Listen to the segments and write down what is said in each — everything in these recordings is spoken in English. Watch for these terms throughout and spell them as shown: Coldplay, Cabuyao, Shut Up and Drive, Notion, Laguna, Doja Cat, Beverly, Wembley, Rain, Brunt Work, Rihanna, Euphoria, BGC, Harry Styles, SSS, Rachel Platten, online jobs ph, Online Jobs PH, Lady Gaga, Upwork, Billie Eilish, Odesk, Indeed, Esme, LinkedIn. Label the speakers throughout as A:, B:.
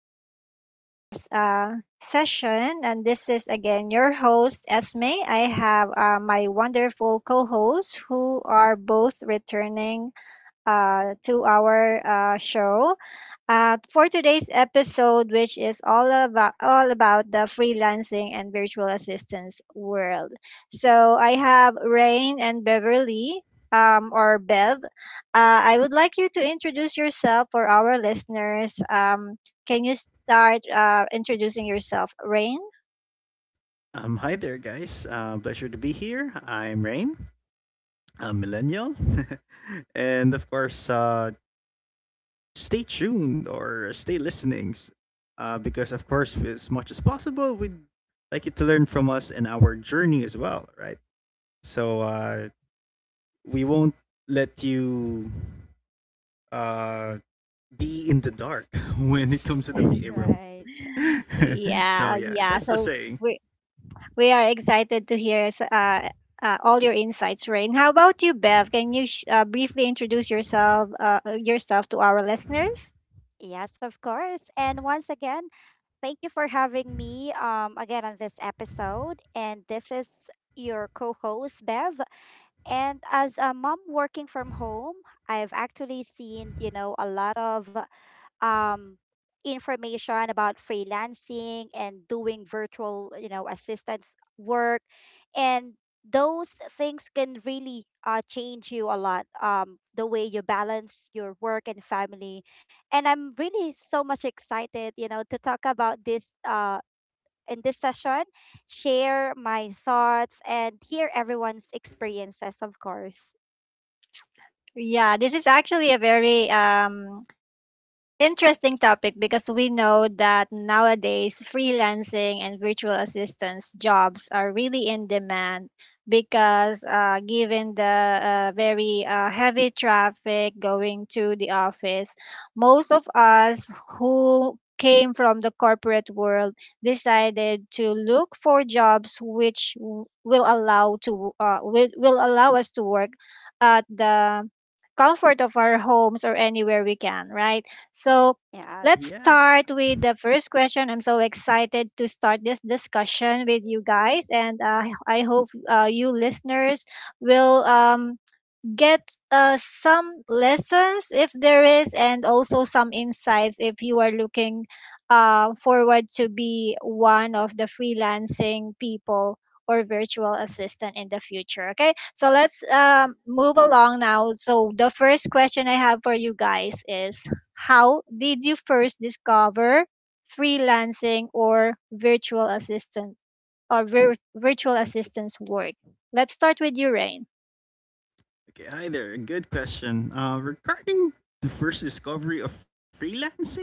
A: our podcast session. And this is again your host, Esme. I have my wonderful co hosts who are both returning to our show for today's episode, which is all about the freelancing and virtual assistance world. So I have Rain and Beverly, or Bev. I would like you to introduce yourself for our listeners. Can you start introducing yourself, Rain?
B: Hi there, guys. Pleasure to be here. I'm Rain, a millennial. And of course, stay tuned or stay listening because, of course, as much as possible, we'd like you to learn from us and our journey as well, right? So we won't let you uh, be in the dark when it comes to the VA world.
C: Right.
A: Yeah,
B: So, yeah,
A: yeah.
B: that's the
A: So
B: saying.
A: we We are excited to hear all your insights, Rain. How about you, Bev? Can you briefly introduce yourself to our listeners?
C: Yes, of course. And once again, thank you for having me again on this episode. And this is your co-host Bev. And as a mom working from home, I've actually seen, you know, a lot of um, information about freelancing and doing virtual, you know, assistance work. And those things can really change you a lot, the way you balance your work and family. And I'm really so much excited, you know, to talk about this in this session, share my thoughts, and hear everyone's experiences, of course.
A: Yeah, this is actually a very interesting topic because we know that nowadays freelancing and virtual assistance jobs are really in demand because given the very heavy traffic going to the office, most of us who came from the corporate world decided to look for jobs which will allow to will allow us to work at the comfort of our homes or anywhere we can, right? So let's
C: Yes.
B: Yeah.
A: start with the first question. I'm so excited to start this discussion with you guys, and I hope you listeners will get some lessons if there is and also some insights if you are looking forward to be one of the freelancing people or virtual assistant in the future. Okay, so let's move along now. So the first question I have for you guys is, how did you first discover freelancing or virtual assistant or virtual assistants work? Let's start with you, Rain.
B: Okay, hi there. Good question. Regarding the first discovery of freelancing,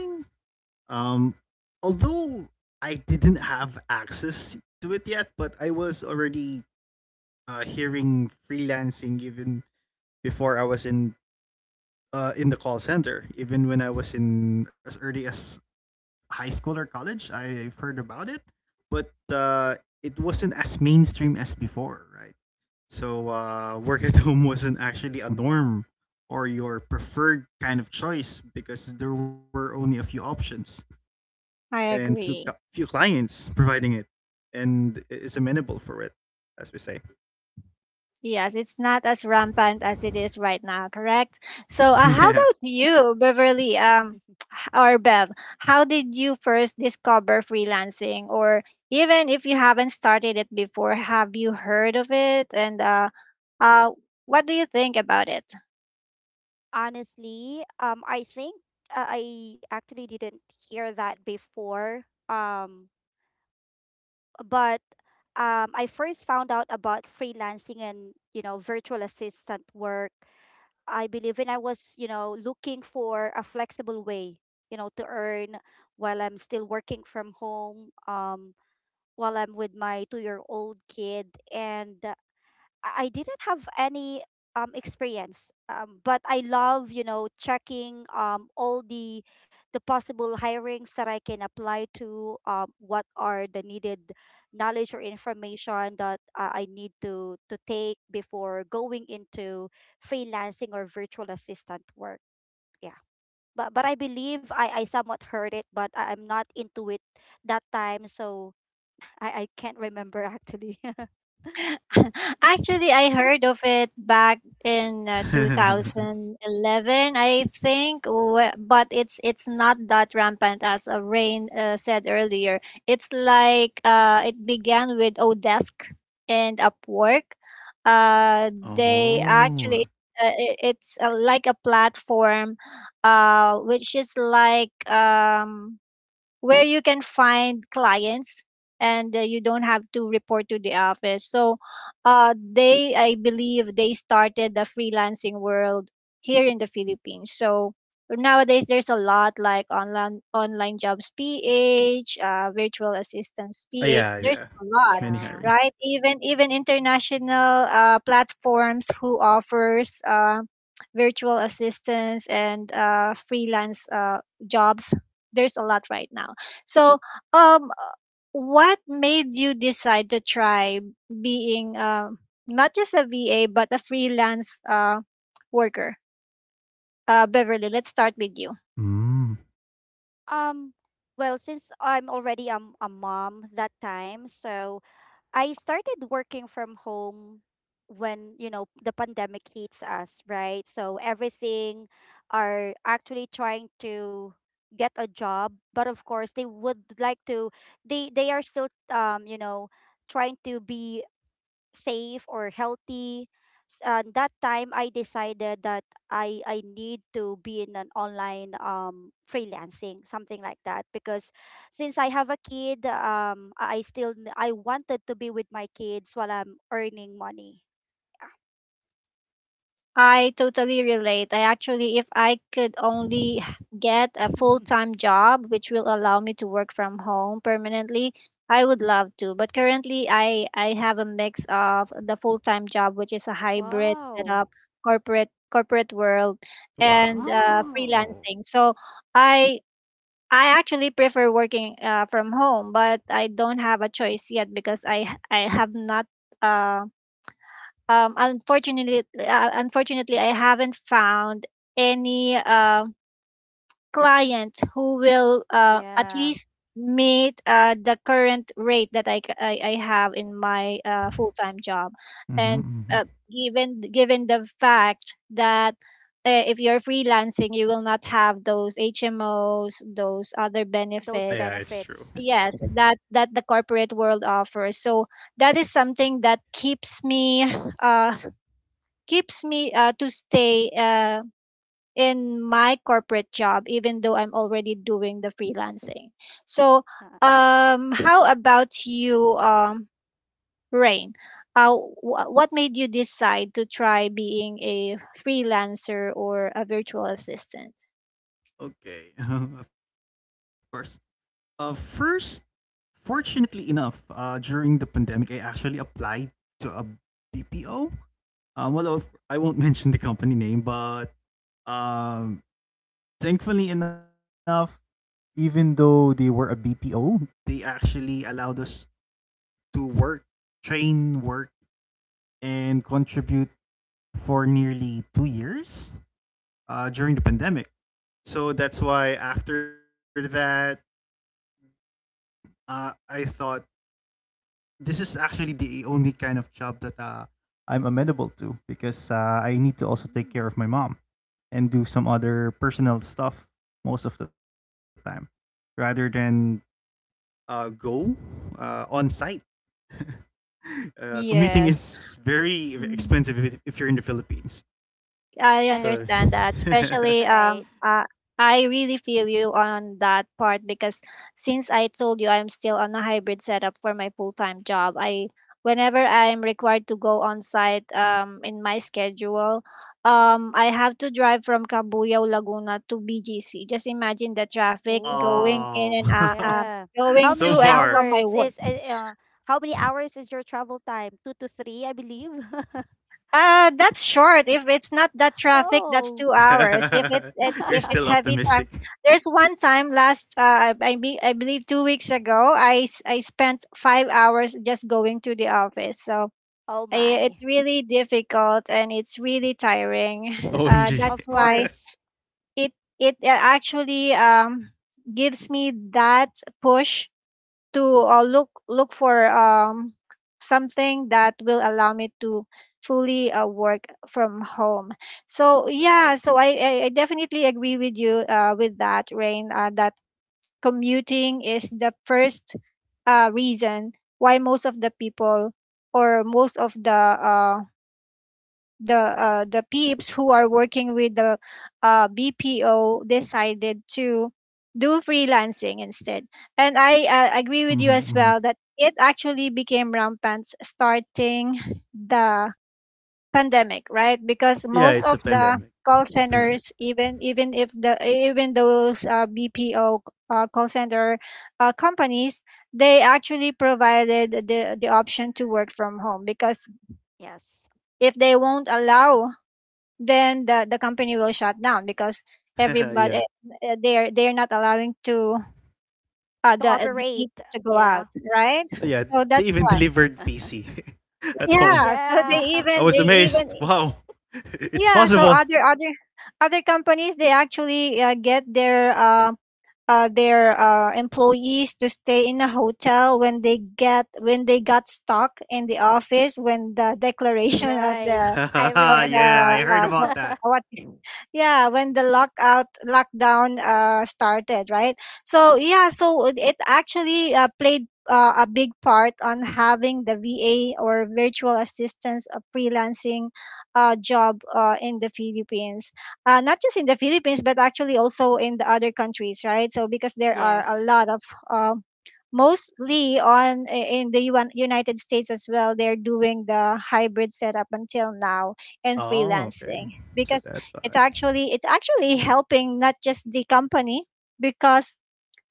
B: um, although I didn't have access to it yet, but I was already hearing freelancing even before I was in the call center. Even when I was in as early as high school or college, I've heard about it, but it wasn't as mainstream as before, right? So, work at home wasn't actually a norm or your preferred kind of choice because there were only a few options
A: I
B: and
A: agree.
B: few clients providing it and is amenable for it, as we say.
A: Yes, it's not as rampant as it is right now, correct? So, how
B: Yeah.
A: about you, Beverly, or Bev? How did you first discover freelancing, or even if you haven't started it before, have you heard of it? And uh, what do you think about it?
C: Honestly, I think I actually didn't hear that before. But I first found out about freelancing and, you know, virtual assistant work. I believe when I was, you know, looking for a flexible way, you know, to earn while I'm still working from home. While I'm with my 2 year old kid. And uh, I didn't have any experience, but I love, you know, checking all the possible hirings that I can apply to, what are the needed knowledge or information that I need to, take before going into freelancing or virtual assistant work. Yeah. But I believe I somewhat heard it, but I'm not into it that time. So I can't remember actually.
A: Actually, I heard of it back in 2011, I think, but it's not that rampant as Rain said earlier. It's like it began with Odesk and Upwork. They actually
B: Oh.
A: it's like a platform, which is like where you can find clients, and you don't have to report to the office. So I believe, they started the freelancing world here in the Philippines. So nowadays there's a lot, like online jobs ph virtual assistance ph, there's
B: Yeah,
A: a
B: yeah.
A: lot.
C: Yeah.
B: Many
A: Right,
B: hiring
A: even
B: sites.
A: even international platforms who offers virtual assistance and freelance jobs, there's a lot right now. So, um, what made you decide to try being not just a VA but a freelance worker? Beverly, let's start with you.
B: Mm.
C: Um, well, since I'm already a mom that time, so I started working from home when, you know, the pandemic hits us, right? So everything are actually trying to get a job, but of course they would like to they are still you know, trying to be safe or healthy. That time I decided that I need to be in an online freelancing something like that because since I have a kid I wanted to be with my kids while I'm earning money. Yeah.
A: I totally relate. I actually, if I could only get a full time job, which will allow me to work from home permanently, I would love to. But currently, I have a mix of the full time job, which is a hybrid
C: Wow.
A: setup, corporate world, and freelancing. So
B: Wow.
A: I I actually prefer working from home, but I don't have a choice yet because I have not. uh Unfortunately, I haven't found any client who will at
C: Yeah,
A: least meet the current rate that I have in my full time job. And uh,
B: Mm-hmm, mm-hmm.
A: given the fact that if you're freelancing, you will not have those HMOs, those other
C: those
A: benefits.
B: Yeah,
C: benefits.
B: it's
A: Yes,
B: true. It's
A: that
B: true.
A: that the corporate world offers. So that is something that uh, keeps me to stay in my corporate job even though I'm already doing the freelancing. So
C: Uh,
A: how about you, Rain, what made you decide to try being a freelancer or a virtual assistant?
B: Okay, of course. Uh, first, Fortunately enough, during the pandemic, I actually applied to a BPO. Well, I won't mention the company name, but um, thankfully enough, even though they were a BPO, they actually allowed us to work, train, work, and contribute for nearly 2 years during the pandemic. So that's why after that, I thought this is actually the only kind of job that I'm amenable to because I need to also take
C: mm.
B: care of my mom and do some other personal stuff most of the time rather than go on site. Commuting
A: Yes.
B: is very
A: Mhm.
B: expensive if you're in the Philippines.
A: I
C: And
B: So,
A: understand that,
C: that's
A: especially
C: right.
A: I really feel you on that part because since I told you I'm still on a hybrid setup for my full-time job, I whenever I'm required to go on site in my schedule, I have to drive from Cabuyao, Laguna to BGC. Just imagine the traffic
C: Oh,
A: going in
B: wow.
A: and
C: yeah. How
A: going
B: So
C: many
A: to and
B: far,
A: from my
C: hours
A: work.
C: is your travel time? Two to three, I believe.
A: That's short. If it's not that traffic, that's
C: Oh.
A: 2 hours. If
B: you're
A: if it's
B: still
A: heavy time,
B: optimistic.
A: there's one time last I believe 2 weeks ago, I spent 5 hours just going to the office. So
C: Oh my.
A: it's really difficult and it's really tiring.
B: OMG.
A: That's
C: Of
A: why
C: course.
A: it it actually gives me that push to look for something that will allow me to fully work from home. So yeah,
C: Right.
A: so I definitely agree with you with that, Rain. That commuting is the first reason why most of the people or most of the the peeps who are working with the BPO decided to do freelancing instead. And I agree with you as
B: Hmm.
A: well that it actually became rampant starting the pandemic, right? Because
B: Yeah,
A: most
B: it's a
C: Yeah.
A: of the
B: pandemic.
A: call
B: It's a pandemic.
A: centers, even even if the even those BPO call center companies, they actually provided the option to work from home because
C: Yes.
A: if they won't allow, then the company will shut down because everybody
B: Yeah.
A: they're not allowing to
C: To
A: the
C: operate.
A: people to go out,
C: Yeah.
A: right?
B: Yeah.
C: Mm-hmm.
B: They
A: So
B: even
A: that's why.
B: delivered PC at home.
A: Yeah. So they
C: Yeah.
B: I
A: even
B: was
A: they
B: amazed.
A: even
B: Wow. It's
A: yeah. So
B: possible.
A: other companies, they actually get their employees to stay in a hotel when they get when they got stuck in the office when the declaration
C: Right. I
A: of the
C: remember
B: Yeah, I heard
C: those.
A: co-
B: about that.
A: what yeah, when the lockout lockdown started, right? So yeah, so it actually played a big part on having the VA or virtual assistance a freelancing job in the Philippines, not just in the Philippines but actually also in the other countries, right? So because there are a
C: Yes.
A: lot of uh, mostly on in the UN, United States as well, they're doing the hybrid setup until now and
B: Oh, okay.
A: freelancing
B: So
A: because
B: that's
A: it's actually helping not just the company because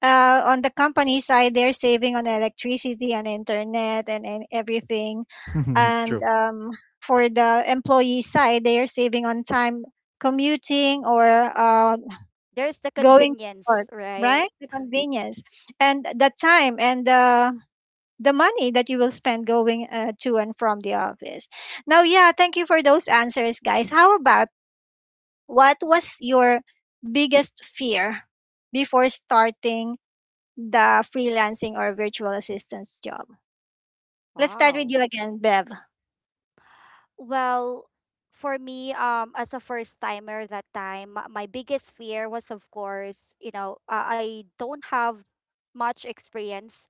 A: on the company side they're saving on electricity and internet and everything,
B: why.
A: and
B: True.
A: for the employee side they are saving on time commuting or
C: There's the
A: going to work,
C: convenience, right?
A: right? The convenience and the time and the money that you will spend going to and from the office. Now, yeah, thank you for those answers, guys. How about, what was your biggest fear before starting the freelancing or virtual assistance job? Let's start with
C: Wow.
A: you again, Bev.
C: Well, for me, as a first timer that time, my biggest fear was, of course, you know, I don't have much experience.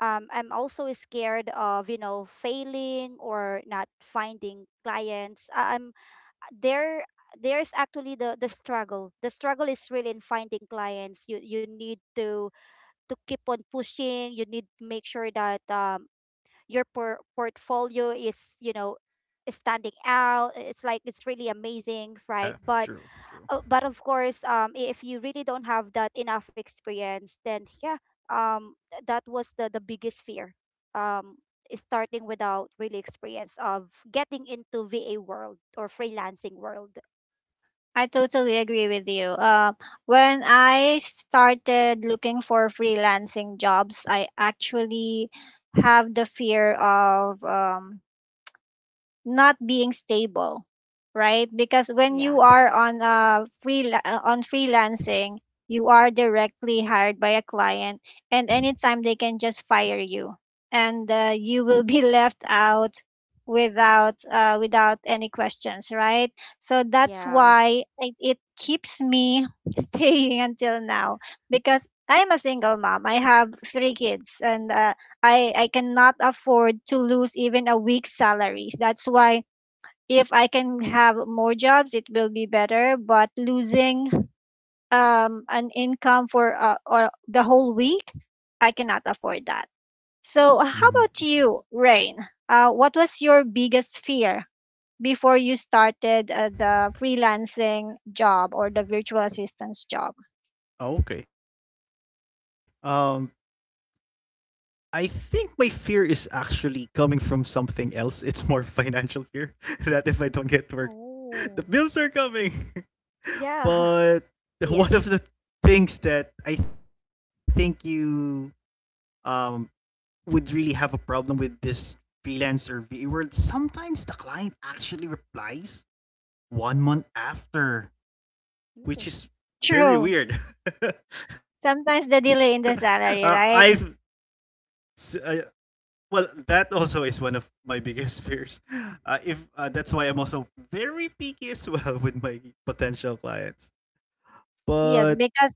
C: I'm also scared of, you know, failing or not finding clients. I'm there. There's actually the struggle. The struggle is really in finding clients. You need to keep on pushing. You need to make sure that your portfolio is, you know, standing out. It's like it's really amazing, right?
B: Yeah,
C: But
B: true. True.
C: but of course if you really don't have that enough experience, then yeah, that was the biggest fear, um, is starting without really experience of getting into VA world or freelancing world.
A: I totally agree with you. When I started looking for freelancing jobs, I actually have the fear of not being stable, right? Because when
C: Yeah.
A: you are on a freelancing, you are directly hired by a client, and anytime they can just fire you, and you will be left out without without any questions, right? So that's
C: Yes.
A: why it keeps me staying until now because I'm a single mom. I have 3 kids, and I cannot afford to lose even a week's salaries. That's why if I can have more jobs, it will be better. But losing an income for or the whole week, I cannot afford that. So how
C: Mm.
B: Hmm.
A: about you, Rain? What was your biggest fear before you started the freelancing job or the virtual assistance job?
B: Okay. I think my fear is actually coming from something else. It's more financial fear that if I don't get work, the
C: Oh.
B: bills are coming.
C: Yeah.
B: But one of
A: Yes,
B: the things that I think you um would really have a problem with this freelancer VA world, sometimes the client actually replies 1 month after,
C: Ooh.
B: which is very
A: true.
B: weird. uh,
A: Sometimes the delay in
B: I've
A: the salary, right?
B: s- uh, well, that also is one of my biggest fears. If That's why I'm also very picky as well with my potential clients.
A: Yes,
B: But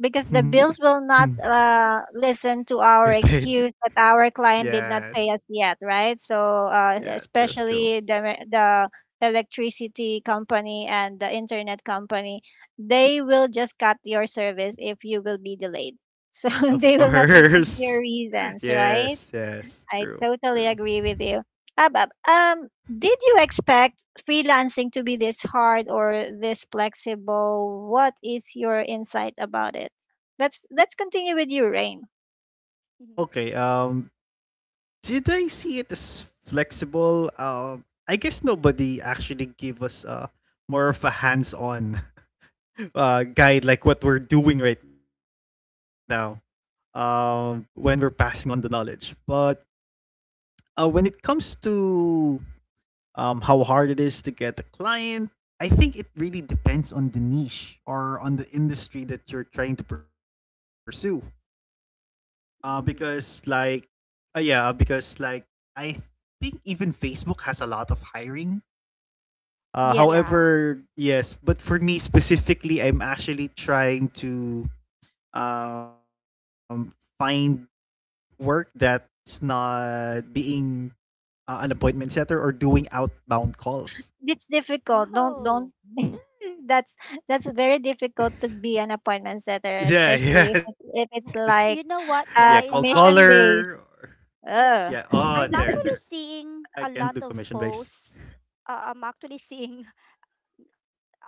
A: because the
B: get
A: bills will not listen to
B: paid.
A: our excuse that our client did not
B: Yes.
A: pay us yet, right? So
B: Yeah, true, true.
A: especially the electricity company and the internet company, they will just cut your service if you will be delayed. So
B: Of
A: they will not listen to your
B: course.
A: reasons, right?
B: Yes, yes,
A: I
B: true,
A: totally
B: true.
A: agree with you. Abab, did you expect freelancing to be this hard or this flexible? What is your insight about it? Let's continue with you, Rain.
C: Mhm.
B: Okay, did I see it as flexible? Um, I guess nobody actually gave us more of a hands-on uh, guide like what we're doing right now. Um, when we're passing on the knowledge. But when it comes to how hard it is to get a client. I think it really depends on the niche or on the industry that you're trying to pursue. Uh, because
C: Mm.
B: like, yeah, because like, I think even Facebook has a lot of hiring.
A: Yeah,
C: Yeah.
B: However, yes, but for me specifically, I'm actually trying to um, find work that's not being an appointment setter or doing outbound calls.
A: it's difficult. Don't
C: Wow.
A: don't. that's that's very difficult to be an appointment setter,
B: Yeah,
A: especially
B: yes.
A: if
C: W-
A: it's
B: Yeah,
C: You
A: like
C: know
B: cold
C: what, guys?
B: caller.
A: commission
B: Or—
A: based.
B: Yeah.
C: Yeah,
A: Uh,
B: Oh, there,
C: I'm
B: there.
C: actually
B: I
C: seeing
B: can't
C: a
B: do
C: lot
B: commission
C: of
B: based.
C: posts. I'm actually seeing.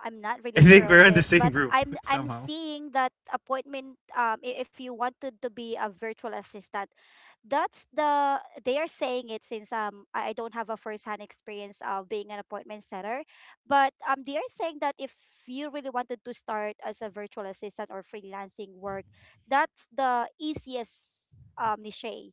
C: I'm not
B: I
C: really
B: think
C: sure
B: we're
C: of
B: in the
C: this,
B: same
C: but
B: group
C: I'm
B: somehow.
C: seeing that appointment. If you wanted to be a virtual assistant, that's the they are saying it since I don't have a first-hand experience of being an appointment setter, but they are saying that if you really wanted to start as a virtual assistant or freelancing work, that's the easiest niche.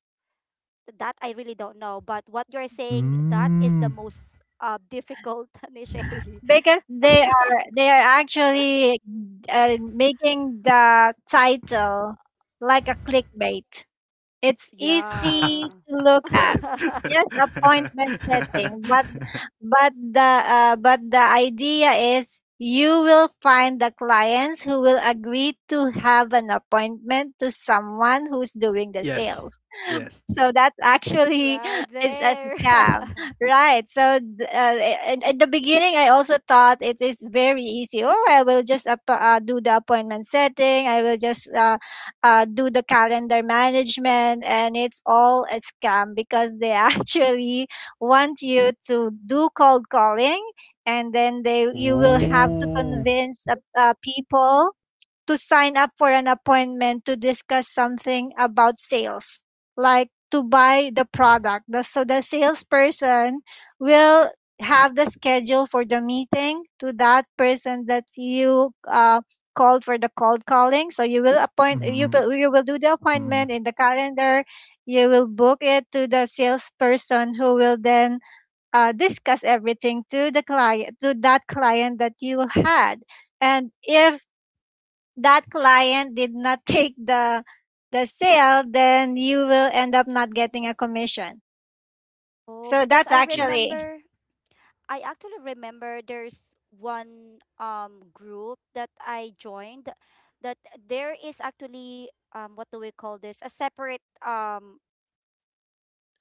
C: That I really don't know. But what you're saying, that is the
B: Mm.
C: most difficult, Nishay.
A: because they are actually making the title like a clickbait. It's easy
C: Yeah.
A: to look at. Yes, appointment setting, but but the the idea is you will find the clients who will agree to have an appointment to someone who's doing the
B: Yes.
A: sales,
B: Yes.
A: so that actually
C: Right
A: is as a
C: there.
A: scam, right. So in the beginning, I also thought it is very easy. Oh, I will just do the appointment setting. I will just do the calendar management. And it's all a scam because they actually want you to do cold calling. And then they you will have to
B: Ooh.
A: convince people to sign up for an appointment to discuss something about sales, like to buy the product. So the salesperson will have the schedule for the meeting to that person that you called for the cold calling. So you will appoint you will,
B: Mm.
A: you will do the appointment in the calendar. You will book it to the salesperson who will then discuss everything to that client that you had. And if that client did not take the sale, then you will end up not getting a commission.
C: Oh,
B: Yes.
A: So
C: because
A: that's
C: I
A: actually,
C: remember, I actually remember there's one group that I joined that there is actually what do we call this?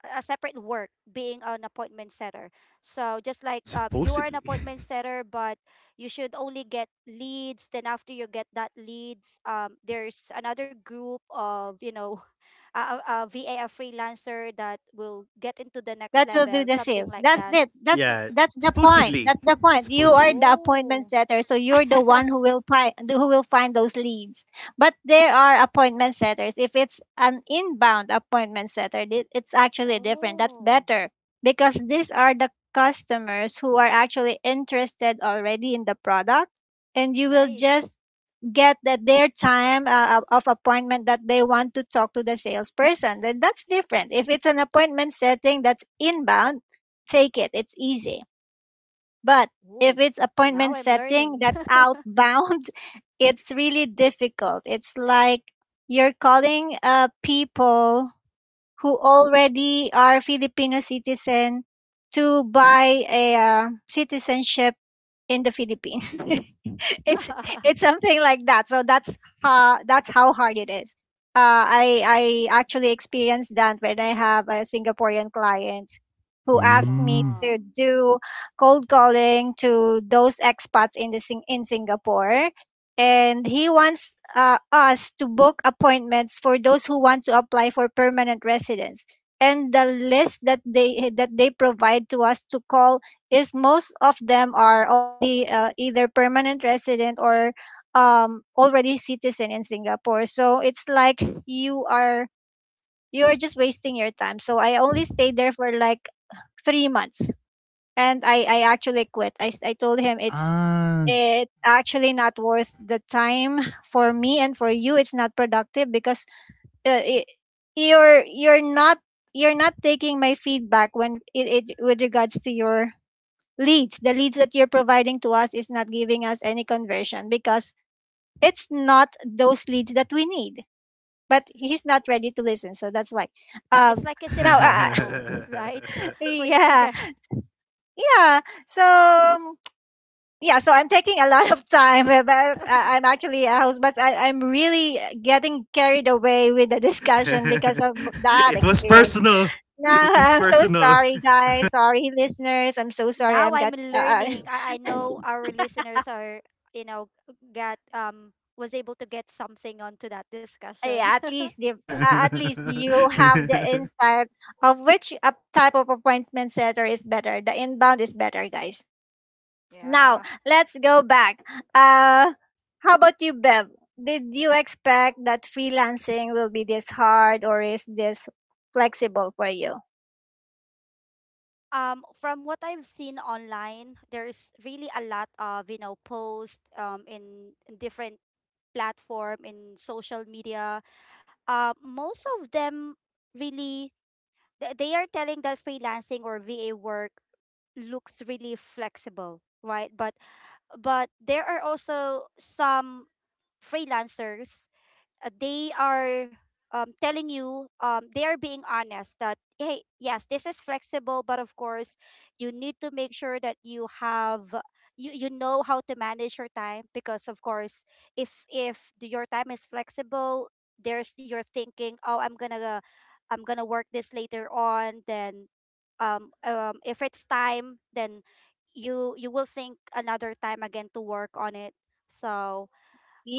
C: A separate work being an appointment setter. So just like you are an
B: Supposedly.
C: appointment setter, but you should only get leads. Then after you get that leads, there's another group of, you know, a, a VA, a freelancer that will get into the
A: that
C: next
A: will do
C: level,
A: the
C: something
A: sales.
C: like
A: That's
C: that.
A: it. That's
B: Yeah.
A: that's the point.
B: Supposedly.
A: That's the point. You are
B: Supposedly.
A: the appointment
C: Oh.
A: setter, so you're the one who will find those leads. But there are appointment setters. If it's an inbound appointment setter, it's actually different. That's
C: Oh,
A: better because these are the customers who are actually interested already in the product, and you will just
C: nice.
A: get that their time of appointment that they want to talk to the salesperson. Then that's different. If it's an appointment setting that's inbound, take it, it's easy. But if
C: Oh,
A: it's appointment
C: now I'm
A: setting
C: learning.
A: that's outbound, it's really difficult. It's like you're calling people who already are Filipino citizen to buy a citizenship in the Philippines. it's it's something like that. So that's how hard it is. Uh, I I actually experienced that when I have a Singaporean client who asked me
B: Mm.
A: to
C: Wow.
A: do cold calling to those expats in Singapore, and he wants us to book appointments for those who want to apply for permanent residence. And the list that they provide to us to call, is most of them are already either permanent resident or already citizen in Singapore. So it's like you are you are just wasting your time. So I only stayed there for like 3 months, and I actually quit. I told him, it's
B: Ah,
A: actually not worth the time for me, and for you it's not productive because uh, it, you're you're not you're not taking my feedback, when it with regards to your leads the leads that you're providing to us is not giving us any conversion, because it's not those leads that we need, but he's not ready to listen, so that's why
C: It's
A: um
C: like it's
A: now,
C: impossible, right?
B: yeah.
C: For you to
A: yeah,
C: get.
A: yeah, so yeah, so I'm taking a lot of time, but I'm actually a host, but I'm really getting carried away with the discussion because of that
B: It was
A: experience.
B: personal.
A: No,
B: It was
A: I'm so
B: personal.
A: sorry, guys, sorry, listeners, I'm so sorry,
C: Now
A: I'm
C: I'm
A: got
C: learning. I know our listeners are, you know, got was able to get something onto that discussion.
A: yeah, at least you have the insight of which type of appointment setter is better. The inbound is better, guys. Now,
C: Yeah.
A: let's go back. Uh, how about you, Bev? Did you expect that freelancing will be this hard or is this flexible for you?
C: Um, from what I've seen online, there's really a lot of, you know, posts in different platform in social media. Uh, most of them really they are telling that freelancing or VA work looks really flexible, right? But there are also some freelancers, they are telling you they are being honest that hey, yes, this is flexible but of course you need to make sure that you have you know how to manage your time because of course if your time is flexible, there's you're thinking oh I'm gonna work this later on then if it's time then you will think another time again to work on it. So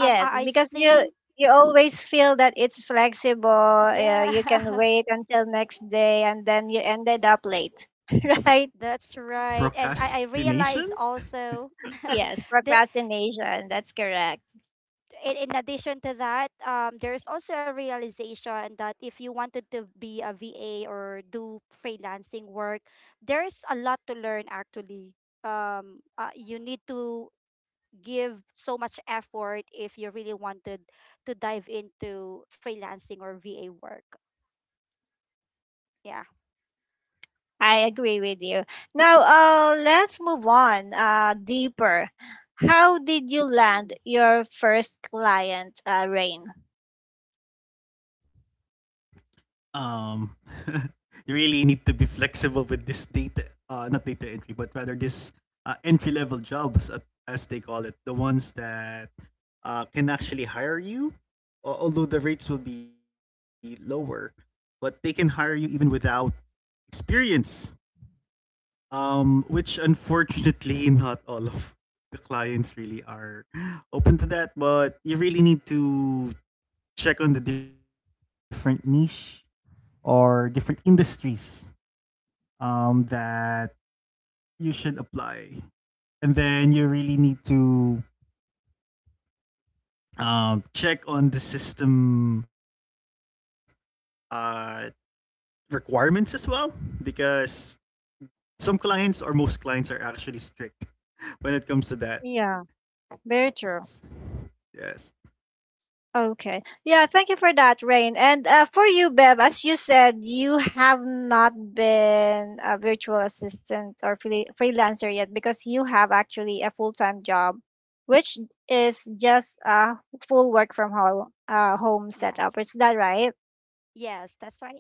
C: I
A: because you
C: think
A: you always feel that it's flexible. You can
C: yeah,
A: wait until next day and then you ended up late. Right?
C: that's right. And I realized
B: Procrastination?
C: also
A: Yes,
C: that
A: procrastination. That's correct.
C: in addition to that, there's also a realization that if you wanted to be a VA or do freelancing work, there's a lot to learn actually. You need to give so much effort if you really wanted to dive into freelancing or VA work. Yeah.
A: I agree with you. Now, let's move on deeper. How did you land
C: Ooh.
A: your first client, Rain?
B: Um, you really need to be flexible with this data not data entry, but rather this entry level jobs at, as they call it, the ones that can actually hire you, although the rates will be lower, but they can hire you even without experience. Which unfortunately not all of the clients really are open to that, but you really need to check on the different niche or different industries that you should apply. And then you really need to check on the system uh, requirements as well, because some clients or most clients are actually strict when it comes to that.
A: Yeah, very true.
B: Yes.
A: Okay. Yeah, thank you for that, Rain. And for you, Bev, as you said, you have not been a virtual assistant or freelancer yet, because you have actually a full time job, which is just a full work from home, home setup.
C: Yes.
A: Is that right?
C: Yes, that's right.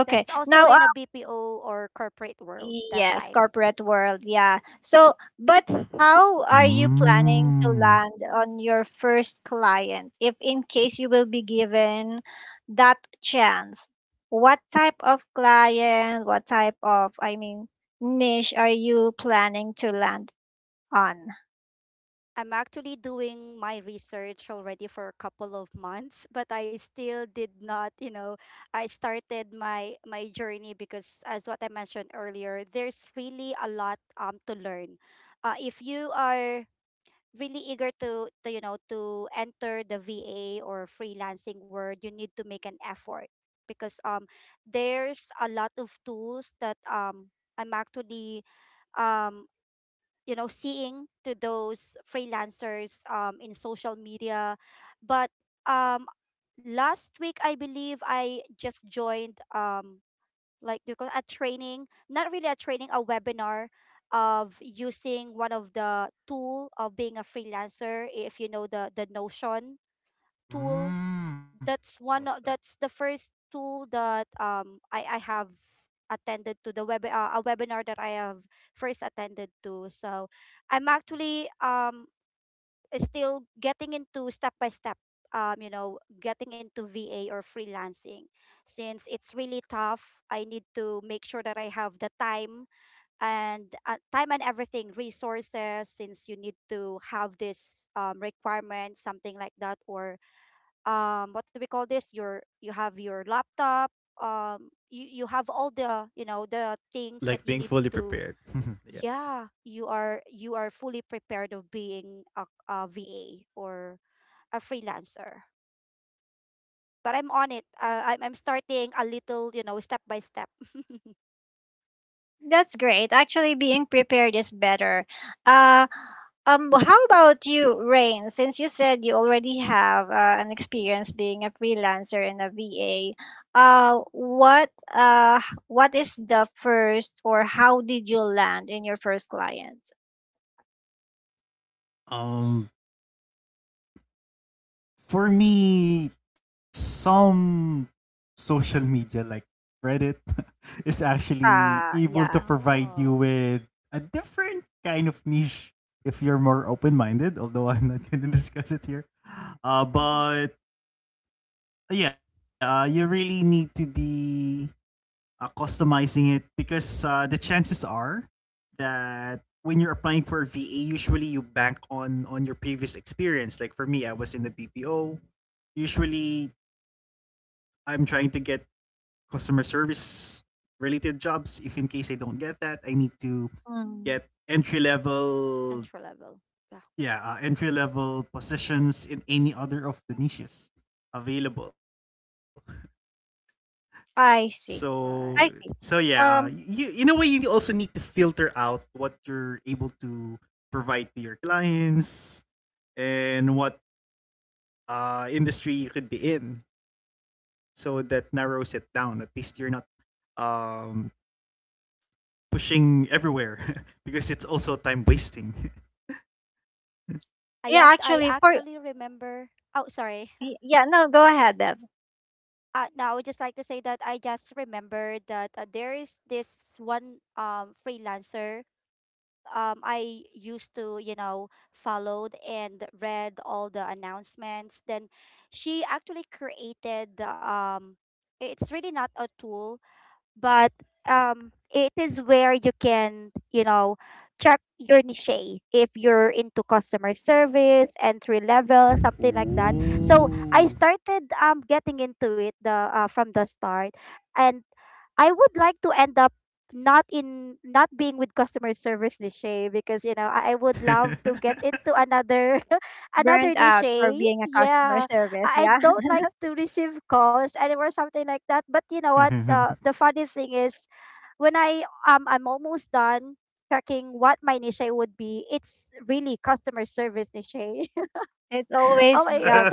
C: That's also
A: Now,
C: in a BPO or corporate world that
A: yes,
C: time.
A: corporate world, yeah. So, but how are you planning to
B: Mm.
A: land on your first client? If in case you will be given that chance, what type of client, what type of, I mean, niche are you planning to land on?
C: I'm actually doing my research already for a couple of months, but I still did not, you know, I started my journey because as what I mentioned earlier, there's really a lot to learn. If you are really eager to, you know to enter the VA or freelancing world, you need to make an effort because there's a lot of tools that I'm actually um, you know, seeing to those freelancers in social media but um last week I believe I just joined like do you call it a training, not really a training, a webinar of using one of the tool of being a freelancer if you know the notion tool.
B: Mm.
C: That's
B: Oh
C: one
B: shit.
C: of, that's the first tool that I have attended to the web a webinar that I have first attended to. So I'm
B: Mhm.
C: actually still getting into step by step um, you know, getting into VA or freelancing since it's really tough. I need to make sure that I have the time and time and everything resources since you need to have this requirement something like that or what do we call this, your you have your laptop you have all the, you know, the things
B: Like
C: that
B: being
C: you need
B: fully
C: to,
B: prepared. Yeah.
C: yeah, you are fully prepared of being a VA or a freelancer but I'm on it I'm starting a little, you know, step by step.
A: That's great. Actually, being prepared is better. Uh, how about you, Rain? Since you said you already have an experience being a freelancer and a VA, uh, what uh, what is the first or how did you land in your first client?
B: Um, for me, some social media like Reddit is actually
A: Ah,
B: able to
A: yeah.
B: provide you
C: Oh.
B: with a different kind of niche if you're more open-minded. Although I'm not going to discuss it here.
C: Mhm.
B: But yeah, you really need to be customizing it because the chances are that when you're applying for VA, usually you bank on your previous experience. Like for me, I was in the BPO. Usually, I'm trying to get customer service related jobs. If in case I don't get that, I need to get
A: Mm.
B: entry level,
C: Entry level, yeah.
B: yeah, entry level positions in any other of the niches available.
A: I see.
B: So
A: I
B: so
A: see.
C: Right.
B: yeah,
A: Um,
B: you in a way you also need to filter out what you're able to provide to your clients and what industry you could be in. So that narrows it down. At least you're not um, pushing everywhere because it's also time wasting.
A: yeah,
C: I
A: actually,
C: actually remember, oh sorry.
A: yeah, no, go ahead, Bev.
C: No, I would just like to say that I just remembered that there is this one freelancer I used to, you know, followed and read all the announcements. Then she actually created it's really not a tool but it is where you can, you know, check your niche if you're into customer service entry level something like that. So I
B: Ooh.
C: started getting into it the from the start and I would like to end up not being with customer service niche because, you know, I would love to get into another
A: Burnt
C: another niche.
A: out for being a customer
C: Yeah.
A: service.
C: I
A: Yeah.
C: don't like to receive calls anymore, something like that. But you know what? The funny thing is when I'm almost done checking what my niche would be, it's really customer service niche.
A: It's
C: Oh
A: always
C: my.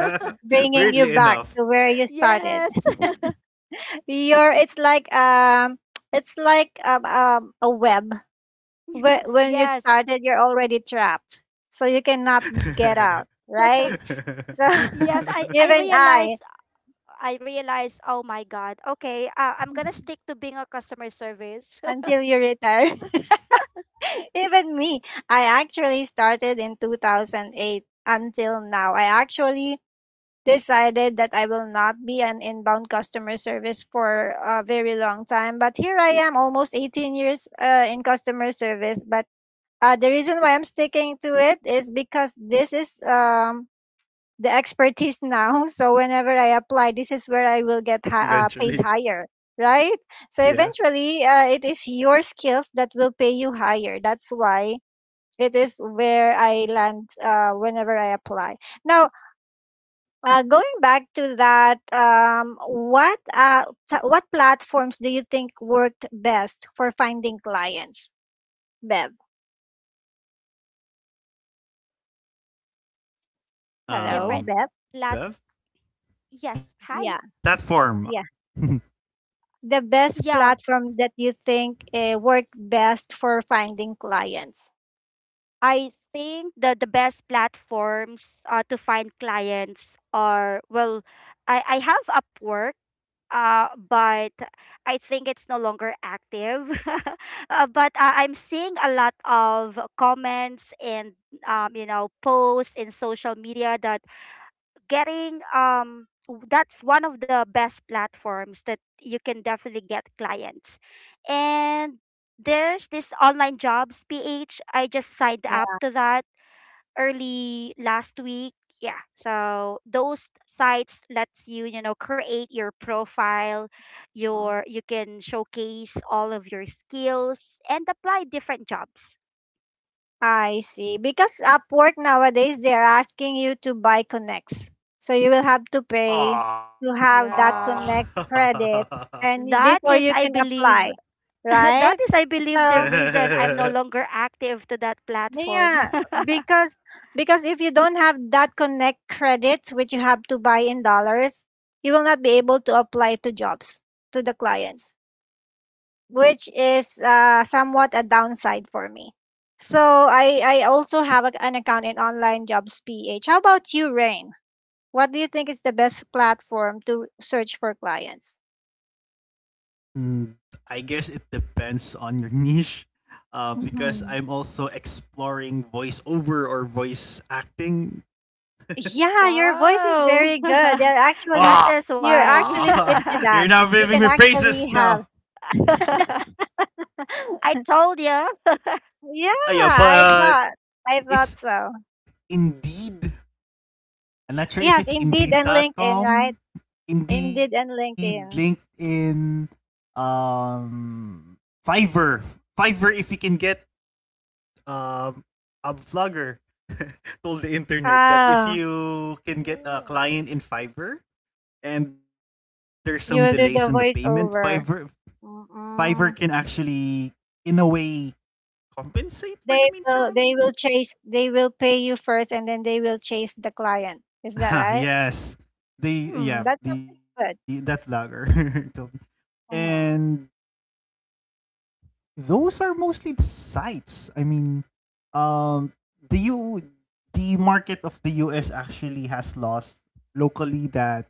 A: bringing you back
B: Weirdly
A: to where
B: enough.
A: you started.
C: Yes.
A: It's like it's like a web. When you
C: Yes.
A: started, you're already trapped, so you cannot get out, right? So
C: Yes, I I
A: even I,
C: realize I realized, oh my God, okay, I'm gonna stick to being a customer service.
A: until you retire. Even me, I actually started in 2008 until now. I actually decided that I will not be an inbound customer service for a very long time. But here I am, almost 18 years in customer service. But the reason why I'm sticking to it is because this is the expertise now. So whenever I apply, this is where I will
B: You
A: get
B: got trained for it
A: paid higher,
B: eventually.
A: right? So eventually,
B: Yeah.
A: it is your skills that will pay you higher. That's why it is where I land whenever I apply. Now, going back to that, what platforms do you think worked best for finding clients? Bev, hello,
C: Different.
A: Bev.
C: Lat
B: Um, Bev?
C: yes. Hi.
A: Yeah,
B: Platform.
A: yeah. The best
C: Yeah.
A: platform that you think worked best for finding clients.
C: I think the best platforms to find clients are well, I have Upwork. But I think it's no longer active. Uh, but I'm seeing a lot of comments and you know, posts in social media that getting that's one of the best platforms that you can definitely get clients. And there's this online jobs ph, I just signed up to that early last week. Yeah. So those sites lets you, you know, create your profile,
A: Yeah.
C: you can showcase all of your skills and apply different jobs.
A: I see. Because Upwork nowadays they're asking you to buy connects. So you will have to pay to have that
B: Aww.
C: Yeah.
A: connect credit and
C: That
A: before
C: is
A: you
C: I
A: can
C: believe
A: apply.
C: that
A: Right?
C: is I believe the
A: So
C: reason I'm no longer active to that
A: yeah,
C: platform.
A: because because if you don't have that connect credit which you have to buy in dollars, you will not be able to apply to jobs to the clients, which is somewhat a downside for me. So I also have an account in Online Jobs PH. How about you, Rain? What do you think is the best platform to search for clients?
B: Mm, I guess it depends on your niche. Because
A: Mhm.
B: I'm also exploring voiceover or voice acting.
A: Yeah, your voice is
C: Wow.
A: very good. You're
C: That
A: actually
C: is why.
B: Ah, you're
A: fit
B: now
A: to
B: giving
A: that.
B: me
A: You can
B: praises now.
A: actually have.
C: I told you.
A: Yeah,
B: Yeah,
A: I
B: but
A: thought I thought
B: it's
A: so.
B: Indeed. I'm not sure if
A: Yes,
B: it's
A: Indeed
B: indeed.
A: and
B: Dot
A: LinkedIn, right?
B: com,
A: Indeed
B: Indeed,
A: and LinkedIn.
B: LinkedIn, um, Fiverr, Fiverr. If you can get um a vlogger told the internet that if
A: Ah,
B: you can get a
C: Oh.
B: client in Fiverr and there's some delays on the
A: you'll
B: payment,
A: do the voiceover.
B: Fiverr can
A: Mm-mm.
B: actually in a way compensate for the
A: They
B: meantime.
A: will they will chase they will pay you first, and then they will chase the client. Is that right?
B: Yes. They
A: Hmm,
B: yeah,
A: that's
B: the
A: something
B: That
A: good.
B: lager told me. And
A: Mm.
B: those are mostly the sites. I mean, um the U the market of the US actually has laws locally that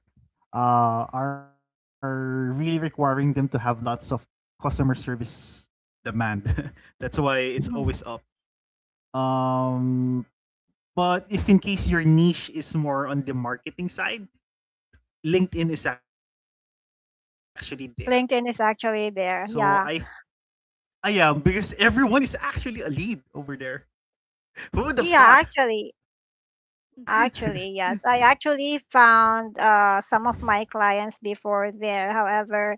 B: are really requiring them to have lots of customer service demand. That's why it's always
A: Mhm.
B: up. Um, but if in case your niche is more on the marketing side, LinkedIn is actually there. So
A: LinkedIn is
B: I th-
A: actually there. Yeah.
B: I am because everyone is actually a lead over there. Who would have thought?
A: Yeah, actually
C: Mhm.
A: actually yes. I actually found some of my clients before there. However,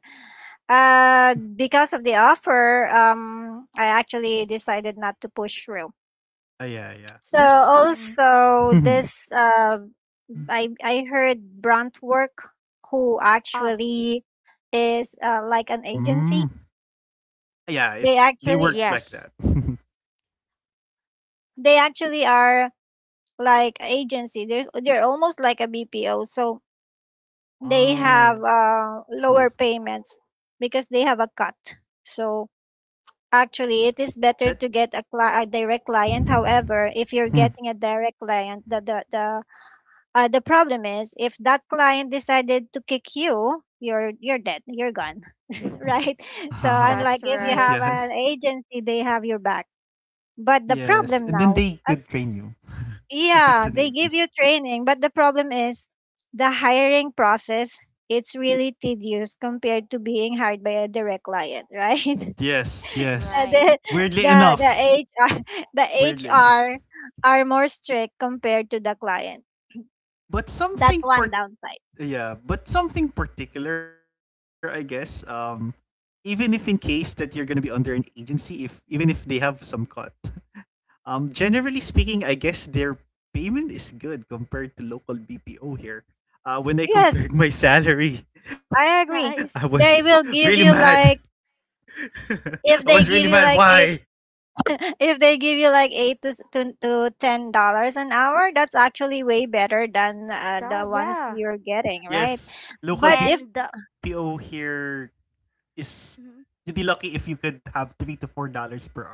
A: because of the offer, I actually decided not to push through.
B: Ah yeah, yeah.
A: So
B: There's
A: also this, I heard Brunt Work, who
C: Ah,
A: actually is
B: mm.
A: like an agency.
B: Yeah, it, they
A: They
B: work
A: actually
B: like that.
C: yes.
A: they actually are like agency. There's They're almost like a BPO. So they have
B: Oh,
A: lower payments because they have a cut. So actually,
B: that.
A: it is better to get a direct client. However, if
B: Mhm.
A: you're getting a direct client, the problem is, if that client decided to kick you, you're dead. You're gone. Right? So unlike
C: That's
A: if you
B: Yes.
A: have
C: right.
A: an agency, they have your back. But the
B: Yes. And then
A: problem
B: they
A: now,
B: could
A: uh,
B: train you if it's an
A: yeah, they
B: agency.
A: give you training, but the problem is the hiring process. It's really tedious compared to being hired by a direct client, right?
B: Yes,
A: Uh,
B: yes.
C: Right.
A: the
B: Weirdly
A: the
B: enough.
A: HR the
B: Weirdly enough.
A: HR are more strict compared to the client.
B: But
A: That's
B: something
A: one
B: part—
A: downside.
B: Yeah, but something particular, I guess. Even if in case that you're gonna be under an agency, if even if they have some cut, generally speaking, I guess their payment is good compared to local BPO here. When I
A: Yes,
B: compared my salary, I
A: I
B: was
A: agree.
C: Nice.
B: really
A: They will
B: mad.
A: give you like
B: I was really
A: if
B: mad.
A: they give you like
B: Why?
A: eight, if they give you like 8 to $10 an hour, that's actually way better than
C: Da,
A: the ones
C: yeah.
A: you're getting, right?
B: Yes, local
A: But if
C: And
B: BPO
C: the
B: here is you'd be
C: mhm,
B: lucky if you could have $3 to $4 per hour.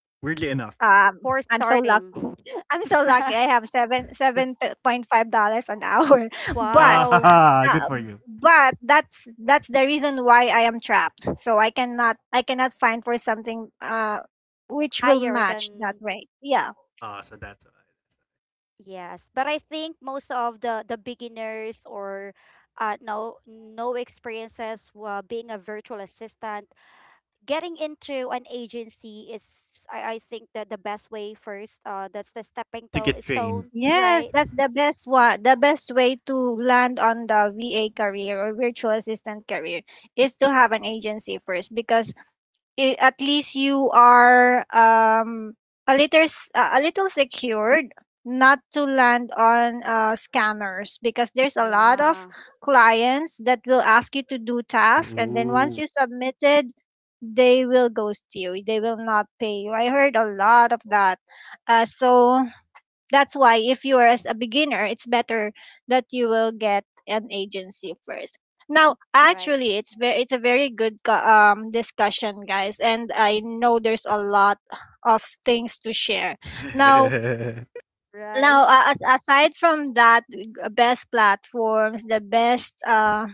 B: Weirdly enough,
C: for
A: I'm so lucky.
C: starting.
A: I'm so lucky. I have seven point five dollars an hour, but.
C: Wow.
B: good
A: Uh,
B: for you.
A: but that's the reason why I am trapped. So I cannot find for something which will
C: Higher
A: match that
C: than
A: rate. Yeah.
B: Ah, so that's why.
C: yes. But I think most of the beginners or no no experiences being a virtual assistant, getting into an agency is I think that the best way first that's the stepping
B: To get trained
C: stone,
B: too.
A: Yes,
C: right?
A: that's the best one. The best way to land on the VA career or virtual assistant career is to have an agency first, because I at least you are a little secured not to land on scammers, because there's a lot of
C: Yeah.
A: clients that will ask you to do
B: Ooh.
A: tasks, and then once you submitted they will ghost you. They will not pay you. I heard a lot of that. So that's why, if you are as a beginner, it's better that you will get an agency first. Now,
C: Right.
A: actually it's a very good discussion, guys, and I know there's a lot of things to share. now now
C: Right.
A: uh, as, aside from that, best platforms, the best uh,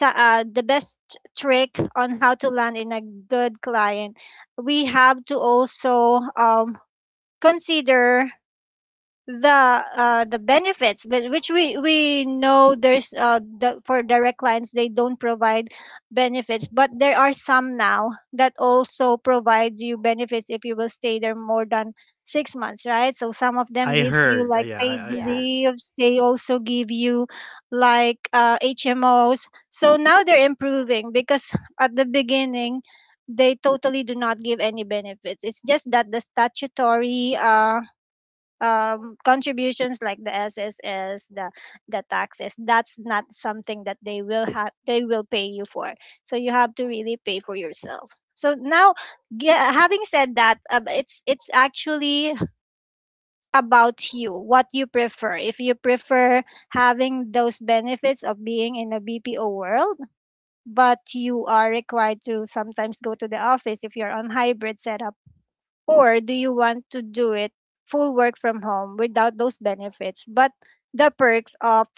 A: ta- uh the best trick on how to land in a good client, we have to also consider the the benefits. But, which we know, for direct clients they don't provide benefits, but there are some now that also provides you benefits if you will stay there more than 6 months, right? So some of them
B: I
A: gives you
B: heard.
A: like paid
B: I heard.
C: Yes.
A: leaves, they also give you like HMOs. So now they're improving, because at the beginning they totally do not give any benefits. It's just that the statutory contributions, like the SSS, the taxes. That's not something that they will have. They will pay you for. So you have to really pay for yourself. So now, having said that, it's actually about you what you prefer. If you prefer having those benefits of being in a BPO world, but you are required to sometimes go to the office if you're on hybrid setup, or do you want to do it full work from home without those benefits, but the perks of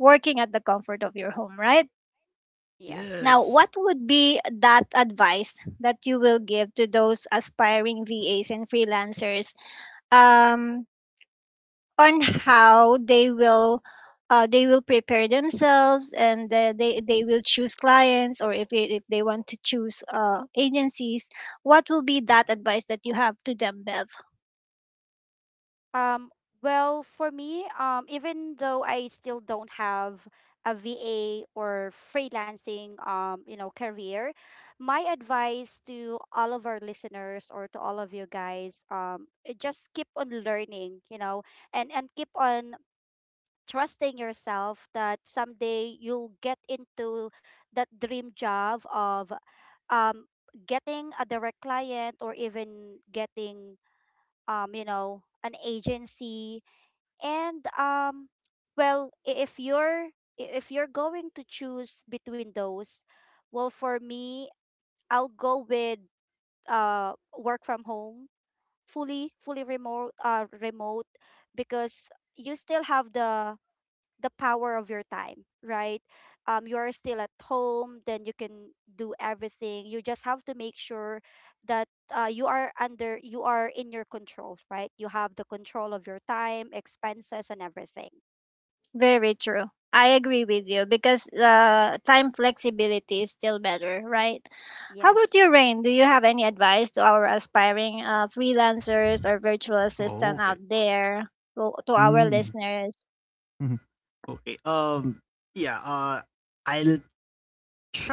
A: working at the comfort of your home, right? Now,
C: Yes.
B: Yes.
A: what would be that advice that you will give to those aspiring VAs and freelancers, um, on how they will prepare themselves, and they will choose clients, or if they want to choose agencies, what will be that advice that you have to them, Bev?
C: Um, well, for me, even though I still don't have a VA or freelancing, you know, career, my advice to all of our listeners or to all of you guys, eh, just keep on learning, you know, and keep on trusting yourself that someday you'll get into that dream job of um getting a direct client or even getting you know, an agency and well, if you're if you're going to choose between those, well for me, I'll go with work from home, fully remote because you still have the power of your time, right? Um, you are still at home, then you can do everything. You just have to make sure that you are under you are in your control, right? You have the control of your time, expenses, and everything.
A: Very true. I agree with you, because time flexibility is still better, right? How about
C: Yes.
A: you, Rain? Do you have any advice to our aspiring freelancers or virtual
B: Oh,
A: assistant out
B: okay.
A: there, to our
B: Mm.
A: listeners,
B: Mhm. Okay. Yeah. I'll try to make it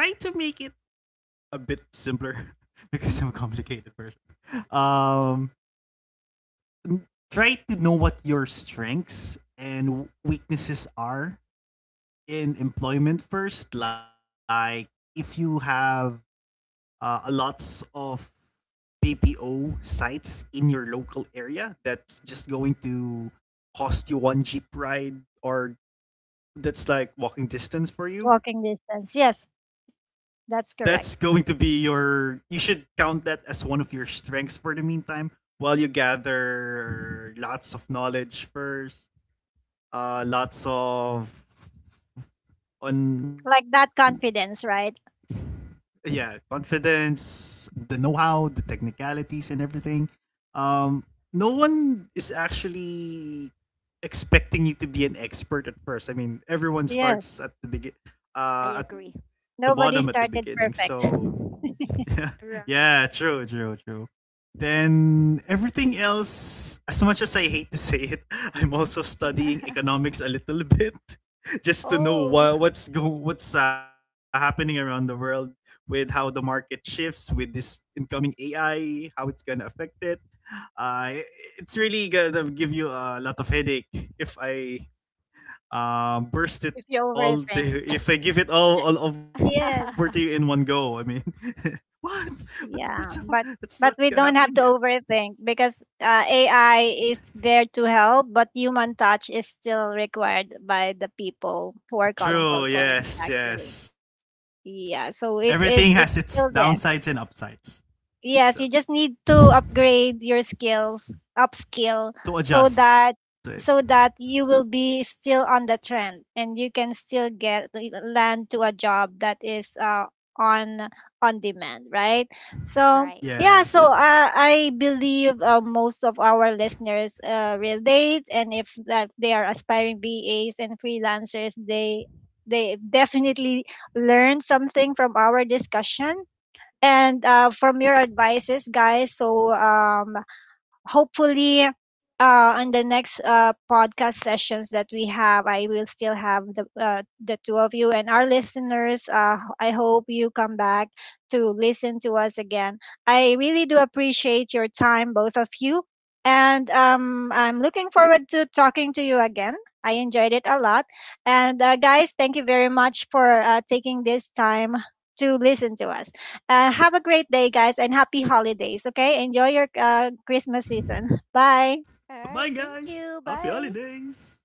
B: a bit simpler because I'm a complicated person. Um. N- Try to know what your strengths and weaknesses are in employment first. Like, if you have lots of PPO sites in your local area that's just going to cost you one Jeep ride or that's like walking distance for you.
A: walking distance? Yes,
B: That's going
A: that's
B: to
A: correct.
B: be your. You should count that as one of your strengths for the meantime while you gather lots of knowledge first,
C: Hmm.
B: lots of on—
A: Like that confidence, right? S-
B: yeah, confidence, the know-how, the technicalities and everything. Um, no one is actually expecting you to be an expert at first. I mean, everyone
A: Yes.
B: starts at the begin
C: I
B: at the
C: agree.
B: bottom at the
A: Nobody
B: beginning,
A: started
B: so
A: perfect.
B: yeah,
C: Right.
B: true, true, true. Then everything else, as much as I hate to say it, I'm also studying economics a little bit just to know
C: Oh.
B: what's happening around the world with how the market shifts with this incoming AI, how it's gonna affect it. Uh, it's really gonna give you a lot of headache if I burst it
A: If you
B: all
A: overthink.
B: to— if I give it all over to you in one
A: Yes.
B: go. I mean, what? What? That's what?
A: Yeah,
B: That's
A: but
B: what's
A: we
B: happening. Yeah.
A: don't have to overthink, because AI is there to help, but human touch is still required by the people who are calling
C: Yes,
B: True.
A: call
C: of
A: center
C: course.
B: Yes.
A: actually.
B: Yes. Everything
A: Yeah,
B: has
A: so
B: its
A: it is
B: downsides
A: it's
B: and
A: still there.
B: upsides. It's out
A: Yes, you
B: there.
A: just need to upgrade your skills,
B: To
A: upskill,
B: adjust
A: so that
B: to it.
A: you will be still on the trend, and you can still get land to a job that is on on demand, right? So
C: Right.
B: Yes. Yes.
A: yeah, I believe most of our listeners relate, and if that they are aspiring VAs and freelancers, they definitely learn something from our discussion and from your advices, guys. So hopefully, on the next podcast sessions that we have, I will still have the two of you and our listeners. I hope you come back to listen to us again. I really do appreciate your time, both of you. And I'm looking forward to talking to you again. I enjoyed it a lot. And guys, thank you very much for taking this time to listen to us. Have a great day, guys, and happy holidays. Okay, enjoy your Christmas season. Bye.
C: All
B: Bye,
C: right. Thank
B: guys.
C: you.
B: Happy
C: Bye.
B: holidays.